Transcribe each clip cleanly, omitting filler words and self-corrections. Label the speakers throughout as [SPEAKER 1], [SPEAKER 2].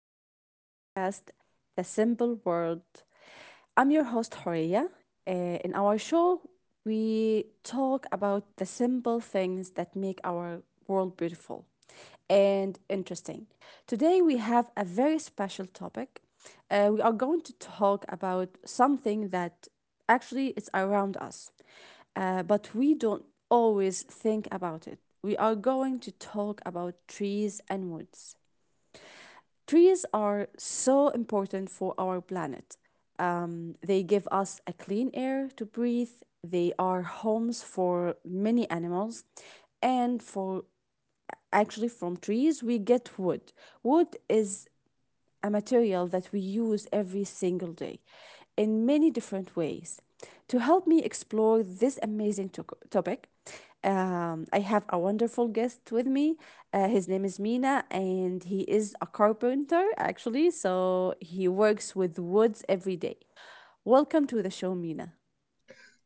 [SPEAKER 1] new podcast, The Simple World. I'm your host, Horia. Uh, in our show, we talk about the simple things that make our world beautiful and interesting. Today, we have a very special topic. We are going to talk about something that it's around us, but we don't always think about it. We are going to talk about trees and woods. Trees are so important for our planet. They give us a clean air to breathe, they are homes for many animals, and for actually from trees we get wood. Wood is a material that we use every single day in many different ways. To help me explore this amazing topic, I have a wonderful guest with me. His name is Mina, and he is a carpenter actually, so he works with woods every day. Welcome to the show, Mina.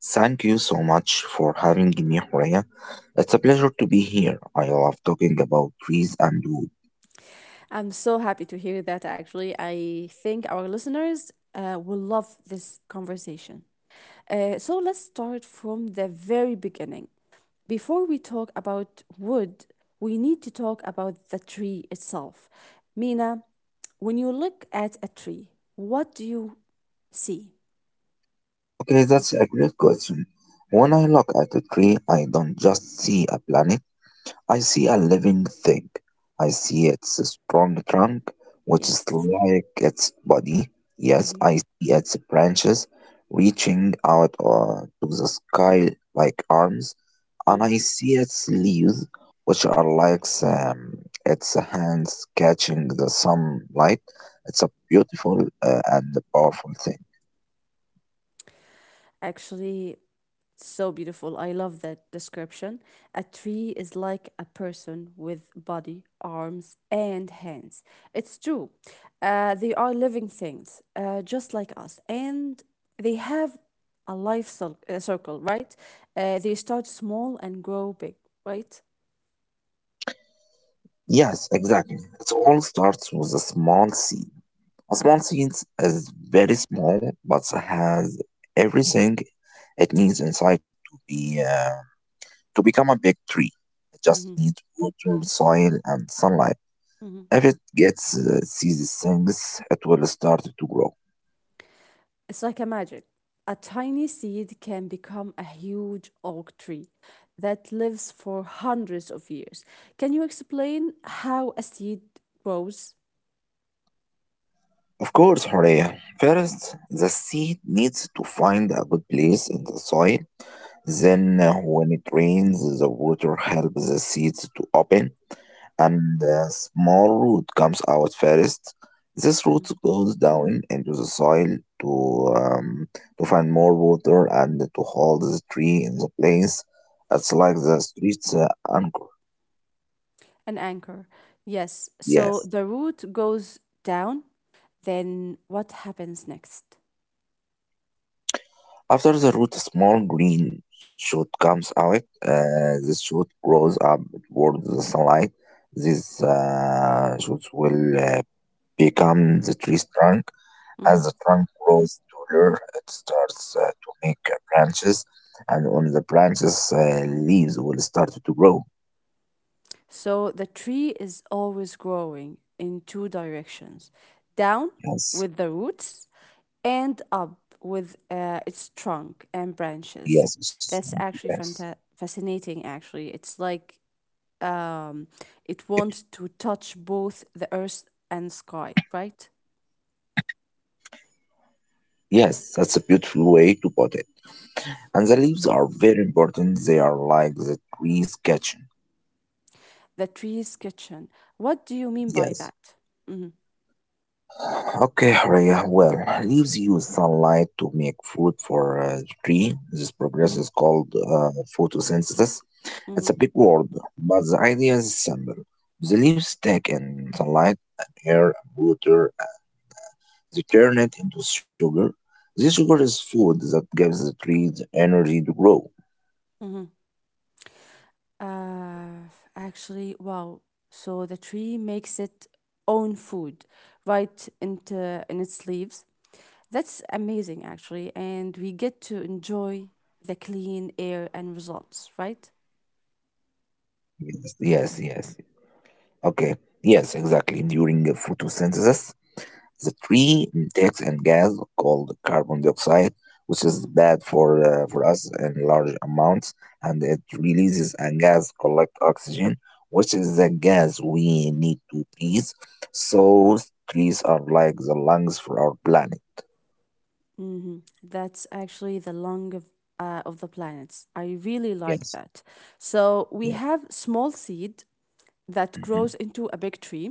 [SPEAKER 2] Thank you so much for having me, Horea. It's a pleasure to be here. I love talking about trees and wood.
[SPEAKER 1] I'm so happy to hear that actually. I think our listeners will love this conversation. So let's start from the very beginning. Before we talk about wood, we need to talk about the tree itself. Mina, when you look at a tree, what do you see?
[SPEAKER 2] Okay, that's a great question. When I look at a tree, I don't just see a planet. I see a living thing. I see its strong trunk, which is
[SPEAKER 1] Yes.
[SPEAKER 2] like its body. Yes,
[SPEAKER 1] hmm
[SPEAKER 2] I see its branches reaching out to the sky like arms. And I see its leaves, which are like its hands catching the sunlight. It's a beautiful and powerful thing.
[SPEAKER 1] Actually, so beautiful. I love that description. A tree is like a person with body, arms, and hands. It's true. They are living things, just like us, and they have a life circle, right? They start small and grow big, right?
[SPEAKER 2] Yes, exactly. It all starts with a small seed. A small seed is very small, but has everything it needs inside to become a big tree. It just
[SPEAKER 1] Mm-hmm.
[SPEAKER 2] needs water, soil, and sunlight.
[SPEAKER 1] Mm-hmm.
[SPEAKER 2] If it gets these things, it will start to grow.
[SPEAKER 1] It's like a magic. A tiny seed can become a huge oak tree that lives for hundreds of years. Can you explain how a seed grows?
[SPEAKER 2] Of course, Horea. First, the seed needs to find a good place in the soil. Then, when it rains, the water helps the seeds to open, and a small root comes out first. This root goes down into the soil to um, to find more water and to hold the tree in the place. It's like the street's anchor.
[SPEAKER 1] An anchor. Yes. So
[SPEAKER 2] Yes.
[SPEAKER 1] the root goes down, then what happens next?
[SPEAKER 2] After the root, a small green shoot comes out. This shoot grows up towards the sunlight. These shoots will become the tree's trunk. As
[SPEAKER 1] Mm-hmm.
[SPEAKER 2] the trunk grows taller, it starts to make branches, and on the branches, leaves will start to grow.
[SPEAKER 1] So the tree is always growing in two directions, down
[SPEAKER 2] Yes,
[SPEAKER 1] with the roots and up with its trunk and branches.
[SPEAKER 2] yes, Mrs.
[SPEAKER 1] That's
[SPEAKER 2] Monkey,
[SPEAKER 1] actually
[SPEAKER 2] yes.
[SPEAKER 1] fascinating, actually. It's like um, it wants to touch both the earth and sky, right?
[SPEAKER 2] Yes, that's a beautiful way to put it. And the leaves are very important. They are like the tree's kitchen.
[SPEAKER 1] The tree's kitchen. What do you mean by
[SPEAKER 2] Yes.
[SPEAKER 1] that? Mm-hmm,
[SPEAKER 2] Okay, Rhea. Well, leaves use sunlight to make food for a tree. This process
[SPEAKER 1] mm-hmm,
[SPEAKER 2] is called photosynthesis. It's
[SPEAKER 1] mm-hmm,
[SPEAKER 2] a big word, but the idea is simple. The leaves take in sunlight and air and water. And They turn it into sugar. This sugar is food that gives the tree the energy to grow.
[SPEAKER 1] mm-hmm. Uh, actually, wow. So the tree makes its own food right into in its leaves. That's amazing, actually, and we get to enjoy the clean air and results, right?
[SPEAKER 2] Yes, yes, yes. Okay. Yes, exactly. During photosynthesis, the tree takes in gas called carbon dioxide, which is
[SPEAKER 1] hmm
[SPEAKER 2] bad for us in large amounts, and it releases a gas called oxygen, which is the gas we need to breathe. So trees are like the lungs for our planet.
[SPEAKER 1] hmm That's actually the lung of the planets. I really like
[SPEAKER 2] Yes.
[SPEAKER 1] that. So we
[SPEAKER 2] Yeah.
[SPEAKER 1] have small seed that
[SPEAKER 2] Mm-hmm.
[SPEAKER 1] grows into a big tree.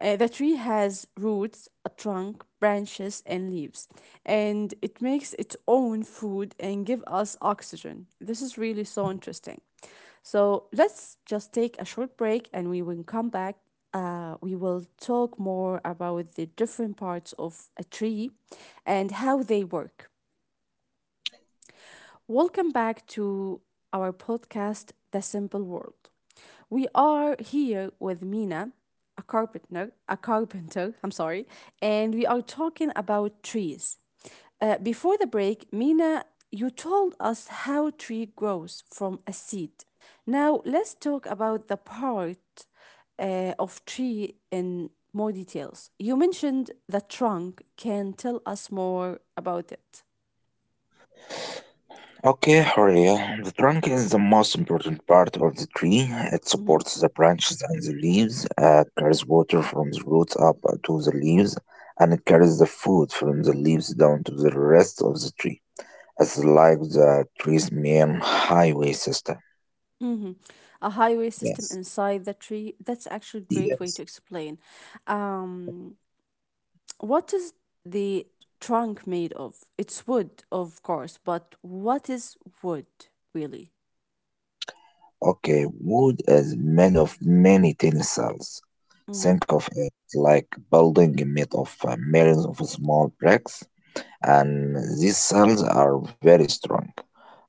[SPEAKER 1] The tree has roots, a trunk, branches, and leaves, and it makes its own food and give us oxygen. This is really so interesting. So let's just take a short break, and we will come back. We will talk more about the different parts of a tree and how they work. Welcome back to our podcast, The Simple World. We are here with Mina, a carpenter, I'm sorry, and we are talking about trees. Before the break, Mina, you told us how tree grows from a seed. Now let's talk about the part of tree in more details. You mentioned the trunk. Can tell us more about it.
[SPEAKER 2] Okay, Horia, the trunk is the most important part of the tree. It supports the branches and the leaves, carries water from the roots up to the leaves, and it carries the food from the leaves down to the rest of the tree. It's like the tree's main highway system.
[SPEAKER 1] Mm-hmm. A highway system
[SPEAKER 2] Yes,
[SPEAKER 1] inside the tree. That's actually a great way to
[SPEAKER 2] yes.
[SPEAKER 1] explain. Um, what is the trunk made of? It's wood, of course, but what is wood really?
[SPEAKER 2] Okay, wood is made of many tiny cells.
[SPEAKER 1] Mm-hmm.
[SPEAKER 2] Think of it like building made of millions of small bricks, and these cells are very strong.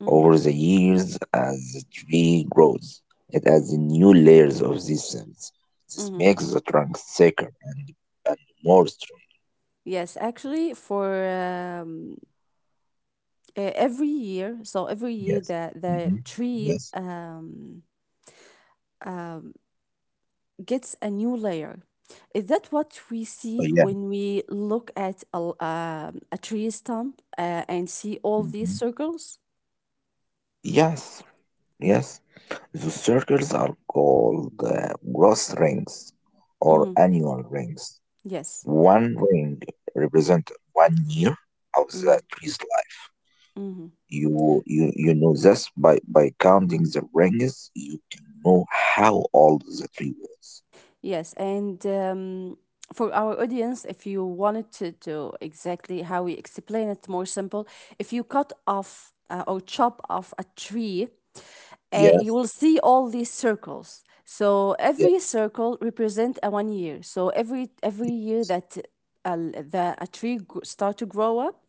[SPEAKER 1] Mm-hmm.
[SPEAKER 2] Over the years, as the tree grows, it adds new layers of these cells. This
[SPEAKER 1] Mm-hmm.
[SPEAKER 2] makes the trunk thicker and more strong.
[SPEAKER 1] Yes, actually, for every year, so every
[SPEAKER 2] Yes.
[SPEAKER 1] year the
[SPEAKER 2] Hmm.
[SPEAKER 1] the tree
[SPEAKER 2] Yes.
[SPEAKER 1] gets a new layer. Is that what we
[SPEAKER 2] Oh, yeah.
[SPEAKER 1] see when we look at a tree stump and see all these
[SPEAKER 2] Mhm.
[SPEAKER 1] circles?
[SPEAKER 2] Yes. Yes. The circles are called growth rings or
[SPEAKER 1] hmm
[SPEAKER 2] annual rings.
[SPEAKER 1] Yes.
[SPEAKER 2] One ring represents 1 year of
[SPEAKER 1] hmm
[SPEAKER 2] the tree's.
[SPEAKER 1] hmm
[SPEAKER 2] You know this by counting the rings, you can know how old the tree was.
[SPEAKER 1] Yes, and for our audience, if you wanted to do exactly how we explain it more simple, if you cut off or chop off a tree, you
[SPEAKER 2] Yes,
[SPEAKER 1] will see all these circles. So
[SPEAKER 2] yeah,
[SPEAKER 1] every circle represent a 1 year. So every year that a tree start to grow up,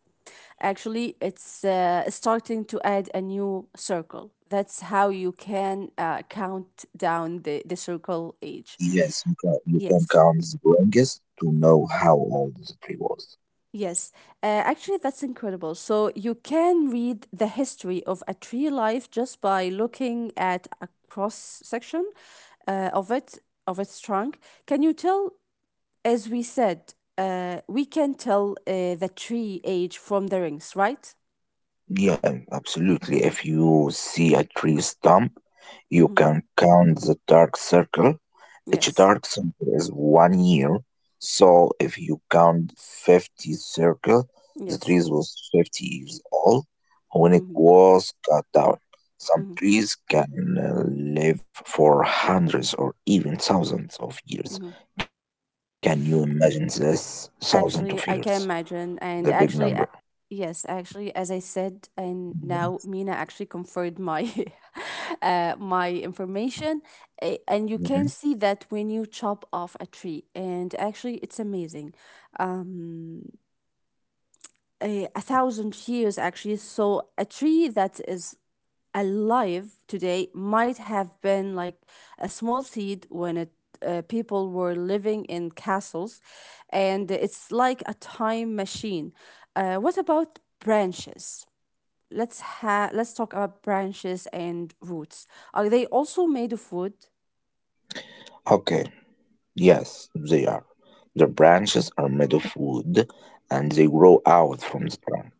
[SPEAKER 1] actually it's starting to add a new circle. That's how you can count down the circle age.
[SPEAKER 2] yes, you can
[SPEAKER 1] Yes,
[SPEAKER 2] count the rings to know how old the tree was.
[SPEAKER 1] yes. Actually, that's incredible. So you can read the history of a tree life just by looking at a cross section of it, of its trunk. Can you tell, as we said, we can tell the tree age from the rings, right?
[SPEAKER 2] Yeah, absolutely. If you see a tree stump, you
[SPEAKER 1] Mm-hmm.
[SPEAKER 2] can count the dark circle. Each
[SPEAKER 1] Yes,
[SPEAKER 2] dark circle is 1 year, so if you count 50 circle, the
[SPEAKER 1] yes.
[SPEAKER 2] tree was 50 years old when it
[SPEAKER 1] Mm-hmm.
[SPEAKER 2] was cut down. Some
[SPEAKER 1] Mm-hmm.
[SPEAKER 2] trees can live for hundreds or even thousands of years.
[SPEAKER 1] Mm-hmm.
[SPEAKER 2] Can you imagine this? Thousands of years,
[SPEAKER 1] Actually, I can
[SPEAKER 2] the big
[SPEAKER 1] imagine.
[SPEAKER 2] number.
[SPEAKER 1] And actually, yes, actually, as I said,
[SPEAKER 2] Mhm.
[SPEAKER 1] and now Mina actually confirmed my my information. And you
[SPEAKER 2] Mhm.
[SPEAKER 1] can see that when you chop off a tree, and actually, it's amazing. Um, a thousand years actually. So a tree that is alive today might have been like a small seed when it people were living in castles, and it's like a time machine. What about branches? Let's talk about branches and roots. Are they also made of wood?
[SPEAKER 2] Okay, yes, they are. Their branches are made of wood and they grow out from the trunk,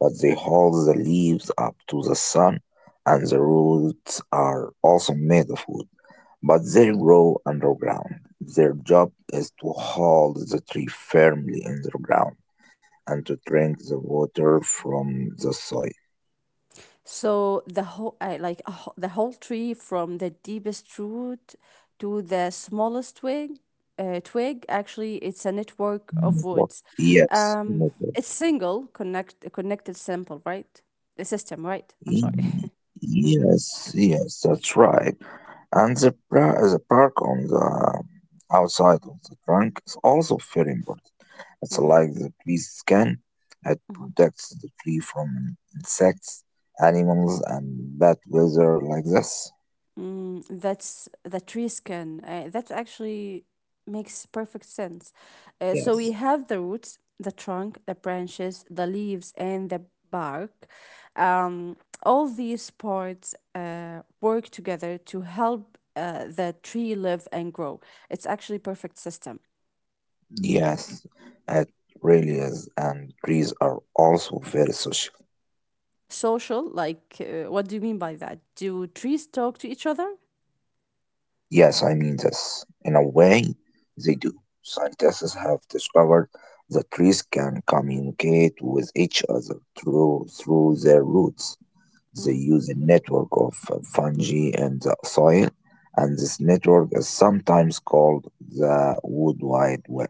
[SPEAKER 2] but they hold the leaves up to the sun, and the roots are also made of wood, but they grow underground. Their job is to hold the tree firmly in the ground and to drink the water from the soil.
[SPEAKER 1] So the whole, the whole tree, from the deepest root to the smallest twig, actually, it's a network of
[SPEAKER 2] Network.
[SPEAKER 1] woods.
[SPEAKER 2] Yes.
[SPEAKER 1] Um, it's single connected simple, right? The system, right? I'm
[SPEAKER 2] Y-
[SPEAKER 1] sorry. hmm
[SPEAKER 2] Yes, yes, that's right. And the, the park on the outside of the trunk is also very important. It's
[SPEAKER 1] hmm
[SPEAKER 2] like the tree's skin. It protects the tree from insects, animals, and bad weather like this.
[SPEAKER 1] Mm, that's that tree skin. That actually makes perfect sense. So we
[SPEAKER 2] Yes.
[SPEAKER 1] have the roots, the trunk, the branches, the leaves, and the bark. Um, all these parts work together to help the tree live and grow. It's actually perfect system.
[SPEAKER 2] Yes, it really is. And trees are also very social.
[SPEAKER 1] Social, like, what do you mean by that? Do trees talk to each other?
[SPEAKER 2] Yes, I mean this. In a way, they do. Scientists have discovered that trees can communicate with each other through their roots. They
[SPEAKER 1] Mm.
[SPEAKER 2] use a network of fungi and the soil, and this network is sometimes called the wood wide web.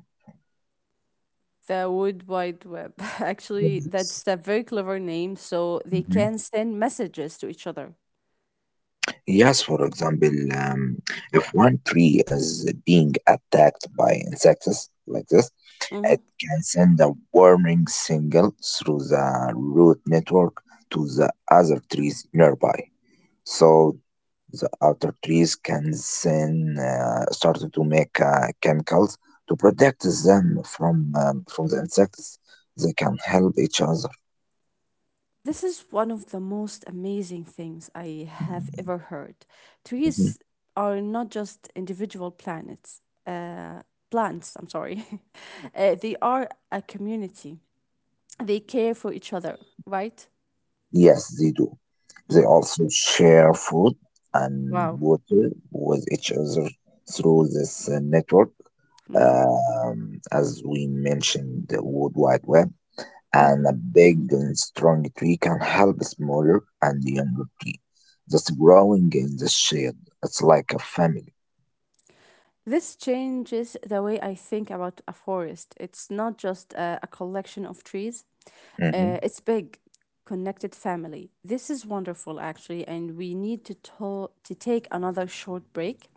[SPEAKER 1] The Wood Wide Web. Actually,
[SPEAKER 2] Yes.
[SPEAKER 1] that's a very clever name, so they
[SPEAKER 2] Mhm.
[SPEAKER 1] can send messages to each other.
[SPEAKER 2] Yes, for example, um, if one tree is being attacked by insects like this,
[SPEAKER 1] hmm
[SPEAKER 2] it can send a warning signal through the root network to the other trees nearby. So the other trees can then start to make chemicals to protect them from the insects. They can help each other.
[SPEAKER 1] This is one of the most amazing things I have ever heard.
[SPEAKER 2] Mhm.
[SPEAKER 1] Trees are not just individual planets, uh, plants, I'm sorry. They are a community. They care for each other, right?
[SPEAKER 2] Yes, they do. They
[SPEAKER 1] Mm.
[SPEAKER 2] also share food and
[SPEAKER 1] Wow.
[SPEAKER 2] water with each other through this network, as we mentioned, the World Wide Web. And
[SPEAKER 1] Mm-hmm.
[SPEAKER 2] a big and strong tree can help smaller and younger tree that's growing in the shade. It's like a family.
[SPEAKER 1] This changes the way I think about a forest. It's not just a collection of trees,
[SPEAKER 2] Mhm.
[SPEAKER 1] it's big, connected family. This is wonderful, actually, and we need to take another short break.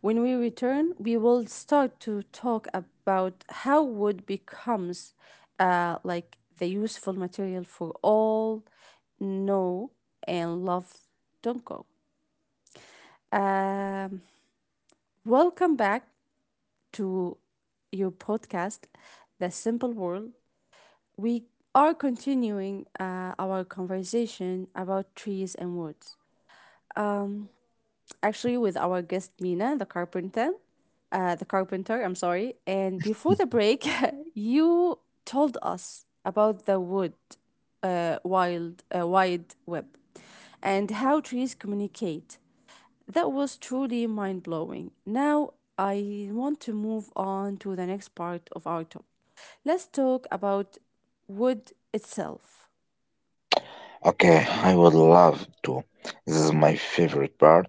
[SPEAKER 1] When we return, we will start to talk about how wood becomes like the useful material for all know and love. Don't go. Um, welcome back to your podcast, The Simple World. We are continuing our conversation about trees and woods actually with our guest Mina, the carpenter. The carpenter, I'm sorry. And before the break, you told us about the wood, wide web, and how trees communicate. That was truly mind blowing. Now I want to move on to the next part of our topic. Let's talk about wood itself.
[SPEAKER 2] Okay, I would love to. This is my favorite part.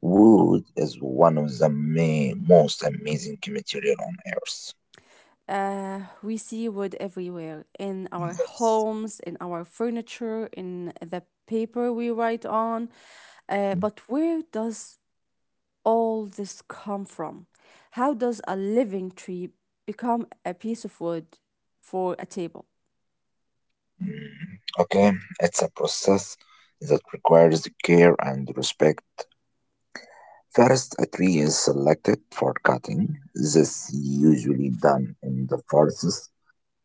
[SPEAKER 2] Wood is one of the most amazing material on earth.
[SPEAKER 1] We see wood everywhere in our
[SPEAKER 2] Yes.
[SPEAKER 1] homes, in our furniture, in the paper we write on. Uh,
[SPEAKER 2] Mm.
[SPEAKER 1] but where does all this come from? How does a living tree become a piece of wood for a table?
[SPEAKER 2] Okay, it's a process that requires care and respect. First, a tree is selected for cutting. This usually done in the forests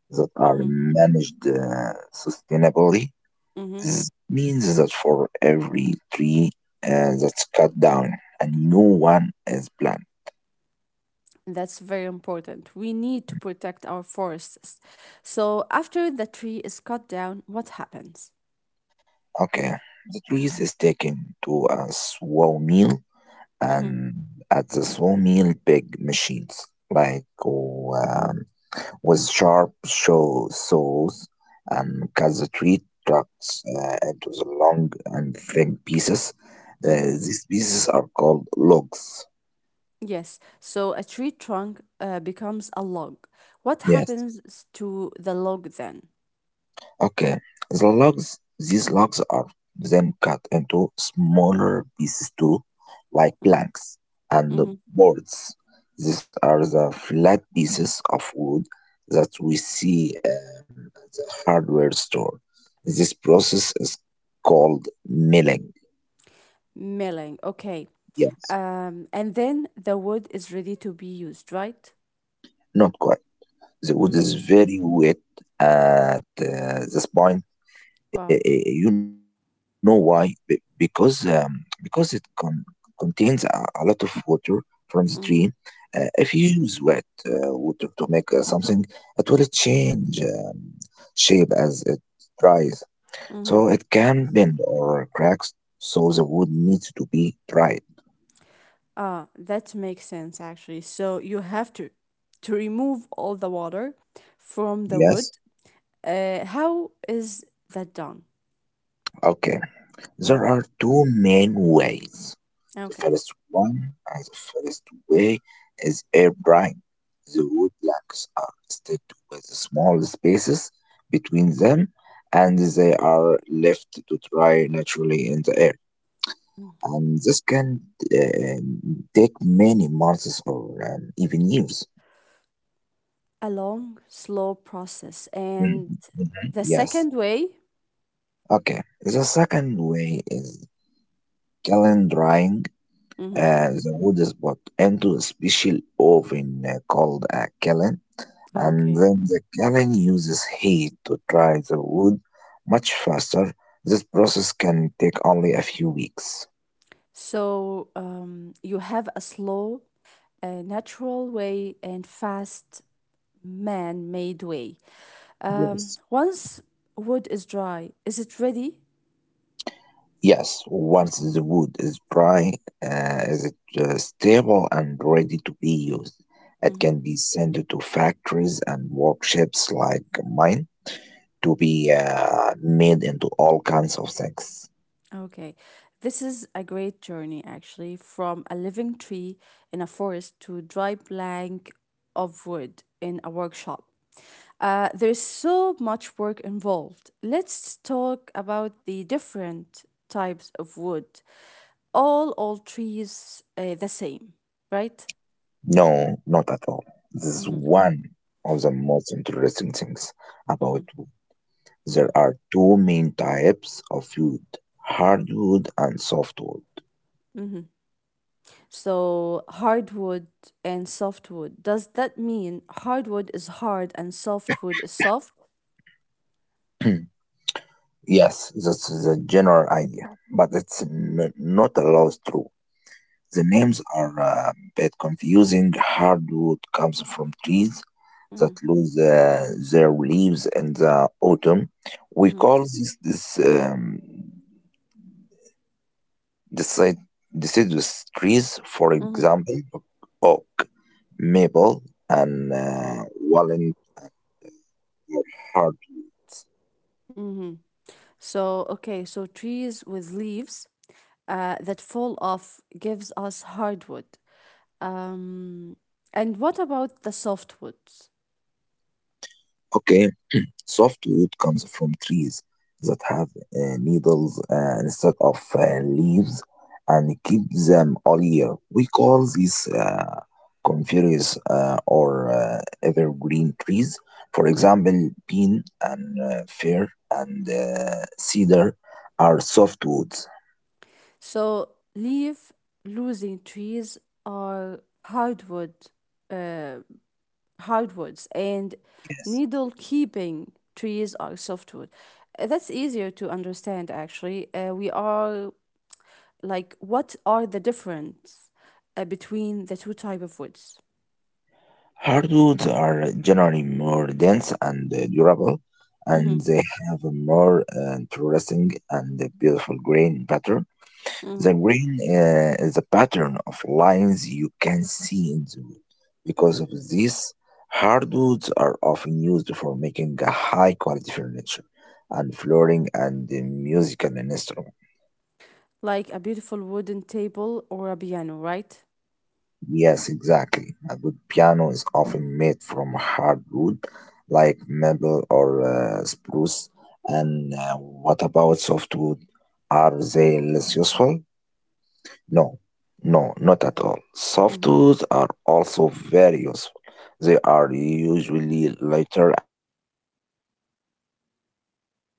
[SPEAKER 2] that are
[SPEAKER 1] hmm
[SPEAKER 2] managed sustainably.
[SPEAKER 1] hmm
[SPEAKER 2] This means that for every tree that's cut down, a new one is planted.
[SPEAKER 1] That's very important. We need to protect our forests. So, after the tree is cut down, what happens?
[SPEAKER 2] Okay, the trees is taken to a sawmill,
[SPEAKER 1] hmm
[SPEAKER 2] and at the sawmill big machines like with sharp show saws and cut the tree trunks into the long and thin pieces. Uh,
[SPEAKER 1] hmm
[SPEAKER 2] these pieces are called logs.
[SPEAKER 1] Yes, so a tree trunk becomes a log. What
[SPEAKER 2] Yes.
[SPEAKER 1] happens to the log then?
[SPEAKER 2] Okay, the logs, these logs are then cut into smaller pieces too, like
[SPEAKER 1] Mm,
[SPEAKER 2] planks and
[SPEAKER 1] mhm.
[SPEAKER 2] boards. These are the flat pieces of wood that we see at the hardware store. This process is called milling.
[SPEAKER 1] Milling, okay.
[SPEAKER 2] Yes,
[SPEAKER 1] And then the wood is ready to be used, right?
[SPEAKER 2] not quite. The wood
[SPEAKER 1] Mm-hmm.
[SPEAKER 2] is very wet at this point.
[SPEAKER 1] Wow.
[SPEAKER 2] You know why? Because it contains a lot of water from the tree.
[SPEAKER 1] Mm-hmm.
[SPEAKER 2] If you use wet water to make something, it will change shape as it dries. So it
[SPEAKER 1] Mm-hmm.
[SPEAKER 2] can bend or cracks. So the wood needs to be dried.
[SPEAKER 1] Ah, that makes sense actually. So you have to remove all the water from the
[SPEAKER 2] Yes.
[SPEAKER 1] wood. How is that done?
[SPEAKER 2] Okay.
[SPEAKER 1] Mm-hmm.
[SPEAKER 2] There are two main ways. The
[SPEAKER 1] Okay.
[SPEAKER 2] first one, uh, the first way is air drying. The woodblocks are stacked with small spaces between them, and they are left to dry naturally in the air. And this can take many months or even years.
[SPEAKER 1] A long, slow process.
[SPEAKER 2] Mhm,
[SPEAKER 1] And
[SPEAKER 2] mhm,
[SPEAKER 1] the
[SPEAKER 2] yes.
[SPEAKER 1] second way?
[SPEAKER 2] Okay. The second way is kiln drying.
[SPEAKER 1] Mm-hmm.
[SPEAKER 2] The wood is put into a special oven called a kiln. And
[SPEAKER 1] Okay.
[SPEAKER 2] then the killing uses heat to dry the wood much faster. This process can take only a few weeks.
[SPEAKER 1] So you have a slow, natural way and fast man made way. Um,
[SPEAKER 2] Yes.
[SPEAKER 1] once wood is dry, is it ready?
[SPEAKER 2] Yes, once the wood is dry, is it stable and ready to be used? It can be sent to factories and workshops like mine to be made into all kinds of things.
[SPEAKER 1] Okay, this is a great journey actually, from a living tree in a forest to dry plank of wood in a workshop. There's so much work involved. Let's talk about the different types of wood. All trees the same, right?
[SPEAKER 2] No, not at all. This is
[SPEAKER 1] Mm-hmm,
[SPEAKER 2] one of the most interesting things
[SPEAKER 1] mm-hmm,
[SPEAKER 2] about.
[SPEAKER 1] mm-hmm,
[SPEAKER 2] There are two main types of wood, hardwood and softwood.
[SPEAKER 1] mm-hmm. So hardwood and softwood. Does that mean hardwood is hard and softwood is soft?
[SPEAKER 2] Yes, that's the general idea, but not always true. The names are a bit confusing. Hardwood comes from trees that
[SPEAKER 1] Mm-hmm.
[SPEAKER 2] lose their leaves in the autumn. We
[SPEAKER 1] Mhm,
[SPEAKER 2] call this decid- deciduous trees, for
[SPEAKER 1] mhm,
[SPEAKER 2] example, oak, maple, and walnut are hardwoods.
[SPEAKER 1] mhm. So, okay, so trees with leaves that fall off gives us hardwood. Um, and what about the softwoods?
[SPEAKER 2] Okay, softwood comes from trees that have needles instead of leaves and keep them all year. We call these coniferous or evergreen trees. For example, pine and fir and cedar are softwoods.
[SPEAKER 1] So, leaf losing trees are hardwood, hardwoods, and
[SPEAKER 2] Yes.
[SPEAKER 1] needle keeping trees are softwood. That's easier to understand, actually. We are like, what are the difference between the two type of woods?
[SPEAKER 2] Hardwoods are generally more dense and durable,
[SPEAKER 1] Mm-hmm.
[SPEAKER 2] and they have a more interesting and beautiful grain pattern.
[SPEAKER 1] Mm-hmm.
[SPEAKER 2] The green is the pattern of lines you can see in the wood. Because of this, hardwoods are often used for making high quality furniture and flooring and the musical instruments.
[SPEAKER 1] Like a beautiful wooden table or a piano, right?
[SPEAKER 2] Yes, exactly. A good piano is often made from hardwood like maple or spruce. And what about softwood? Are they less useful? No, no, not at all. Soft
[SPEAKER 1] Mm-hmm.
[SPEAKER 2] tools are also very useful. They are usually lighter and less expensive than the hardwood.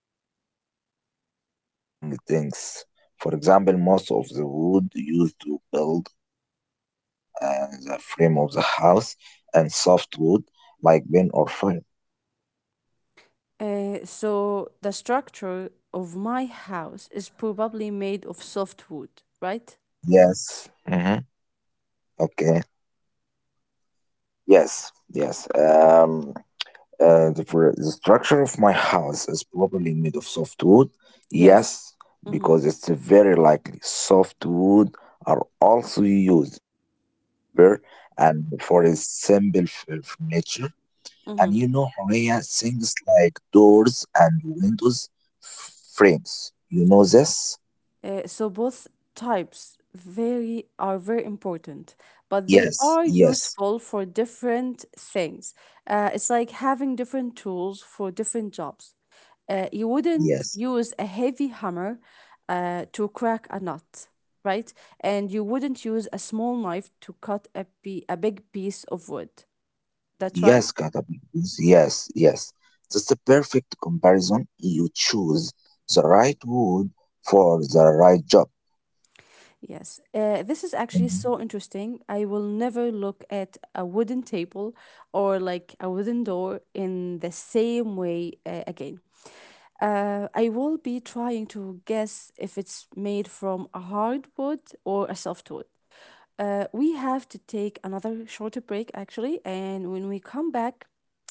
[SPEAKER 2] They are great for building things. For example, most of the wood used to build the frame of the house and soft wood, like pine or fir.
[SPEAKER 1] So the structure of my house is probably made of soft wood, right?
[SPEAKER 2] Yes. Mm-hmm. Okay. Yes. Yes. Uh, for the structure of my house is probably made of soft wood.
[SPEAKER 1] Yes.
[SPEAKER 2] Yes, because it's very likely soft wood are also used to make paper and for a simple furniture. And you know, Horea, things like doors and windows frames. You know this?
[SPEAKER 1] So both types very are very important, but they are
[SPEAKER 2] Yes,
[SPEAKER 1] useful for
[SPEAKER 2] yes,
[SPEAKER 1] different things. It's like having different tools for different jobs. You wouldn't use a
[SPEAKER 2] yes.
[SPEAKER 1] heavy hammer to crack a nut, right? And you wouldn't use a small knife to cut a big piece of wood. That's right?
[SPEAKER 2] Yes, Katabinguz. Yes, yes. That's a perfect comparison. You choose the right wood for the right job.
[SPEAKER 1] Yes, this is actually so
[SPEAKER 2] Mhm.
[SPEAKER 1] interesting. I will never look at a wooden table or like a wooden door in the same way again. I will be trying to guess if it's made from a hard wood or a soft wood. We have to take another shorter break actually, and when we come back,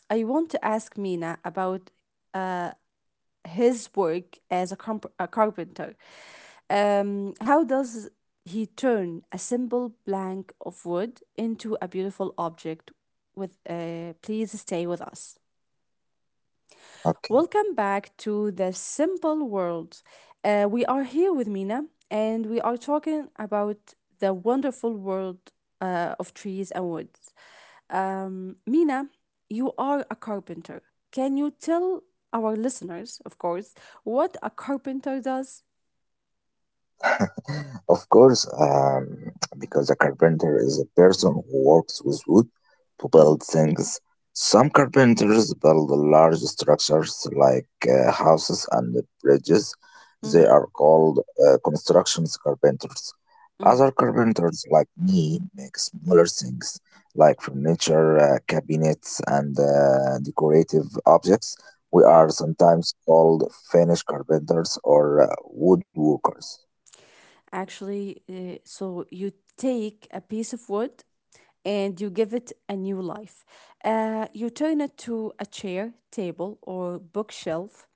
[SPEAKER 1] I want to ask Mina about uh, his work as a carpenter. How does he turn a simple plank of wood into a beautiful object? With Please stay with us.
[SPEAKER 2] Okay.
[SPEAKER 1] Welcome back to the simple world. We are here with Mina, and we are talking about the wonderful world of trees and woods. Mina, you are a carpenter. Can you tell our listeners, of course, what a carpenter does?
[SPEAKER 2] Of course, because a carpenter is a person who works with wood to
[SPEAKER 1] hmm
[SPEAKER 2] build things. Some carpenters build large structures like houses and bridges.
[SPEAKER 1] hmm
[SPEAKER 2] They are called construction carpenters. Other
[SPEAKER 1] hmm
[SPEAKER 2] carpenters, like me, make smaller things like furniture, cabinets, and decorative objects. We are
[SPEAKER 1] Wow.
[SPEAKER 2] sometimes called Finnish carpenters or woodworkers.
[SPEAKER 1] Actually, so you take a piece of wood and you give it a new life. You turn it to a chair, table, or bookshelf.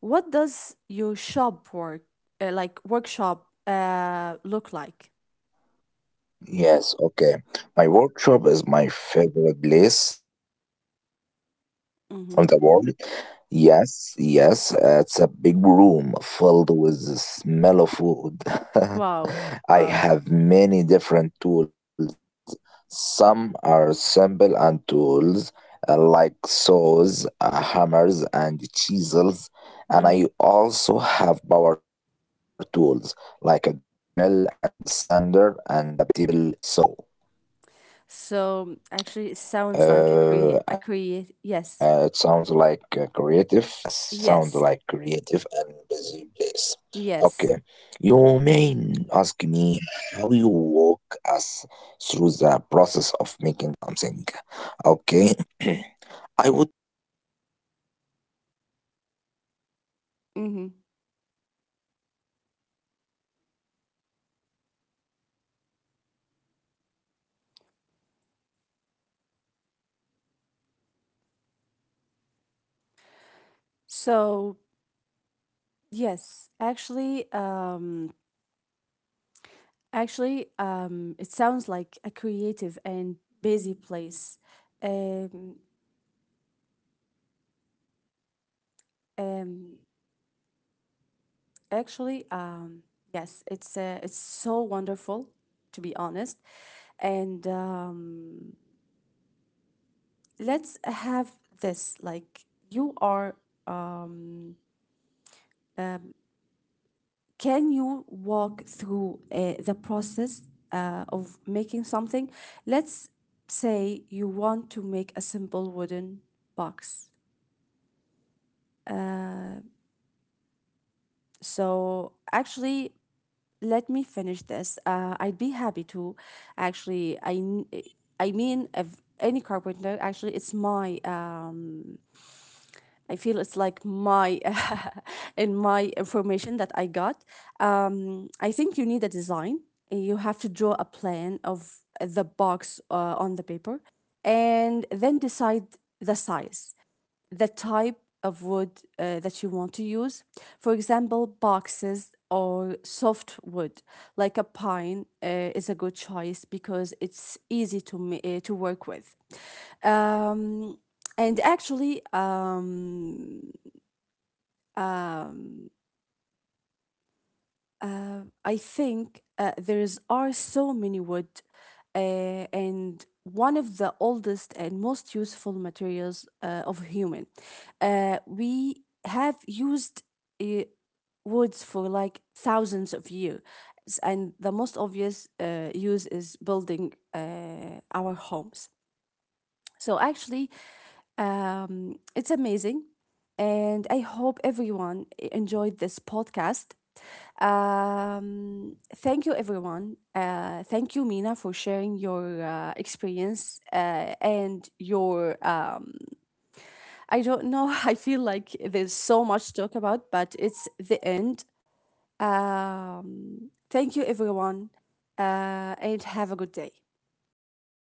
[SPEAKER 1] What does your shop work, like workshop, look like?
[SPEAKER 2] Yes, okay. My workshop is my favorite place in
[SPEAKER 1] hmm
[SPEAKER 2] in the world. Yes, yes, it's a big room filled with the smell of food.
[SPEAKER 1] Wow.
[SPEAKER 2] I
[SPEAKER 1] Wow.
[SPEAKER 2] have many different tools. Some are simple and tools like saws, hammers, and chisels. And I
[SPEAKER 1] Mhm.
[SPEAKER 2] also have power tools like a drill and sander and a big table saw.
[SPEAKER 1] So actually, it sounds like a create a
[SPEAKER 2] It sounds
[SPEAKER 1] create.
[SPEAKER 2] like
[SPEAKER 1] Yes,
[SPEAKER 2] creative. Yes, sound like
[SPEAKER 1] yes,
[SPEAKER 2] creative and busy place. Okay,
[SPEAKER 1] yes.
[SPEAKER 2] you may ask me how you walk us through the process of making.
[SPEAKER 1] Mm-hmm. So yes, actually, it sounds like a creative and busy place. Um, um, actually, um, yes, it's so wonderful, to be honest. And let's have this like you are um um, can you walk through the process of making something? Let's say you want to make a simple wooden box. Uh, so actually, let me finish this. I'd be happy to. Actually, I mean, if any carpenter. Actually, it's my I feel it's like my in my information that I got. I think you need a design. You have to draw a plan of the box on the paper, and then decide the size, the type of wood that you want to use. For example, boxes or soft wood like a pine is a good choice because it's easy to to work with. Um, and actually, um, um, I think there's are so many wood, and one of the oldest and most useful materials of human. We have used uh, woods for like thousands of years, and the most obvious use is building our homes. So actually, it's amazing. And I hope everyone enjoyed this podcast. Thank you, everyone. Thank you, Mina, for sharing your experience and your. I don't know, I feel like there's so much to talk about, but it's the end. Thank you, everyone, and have a good day.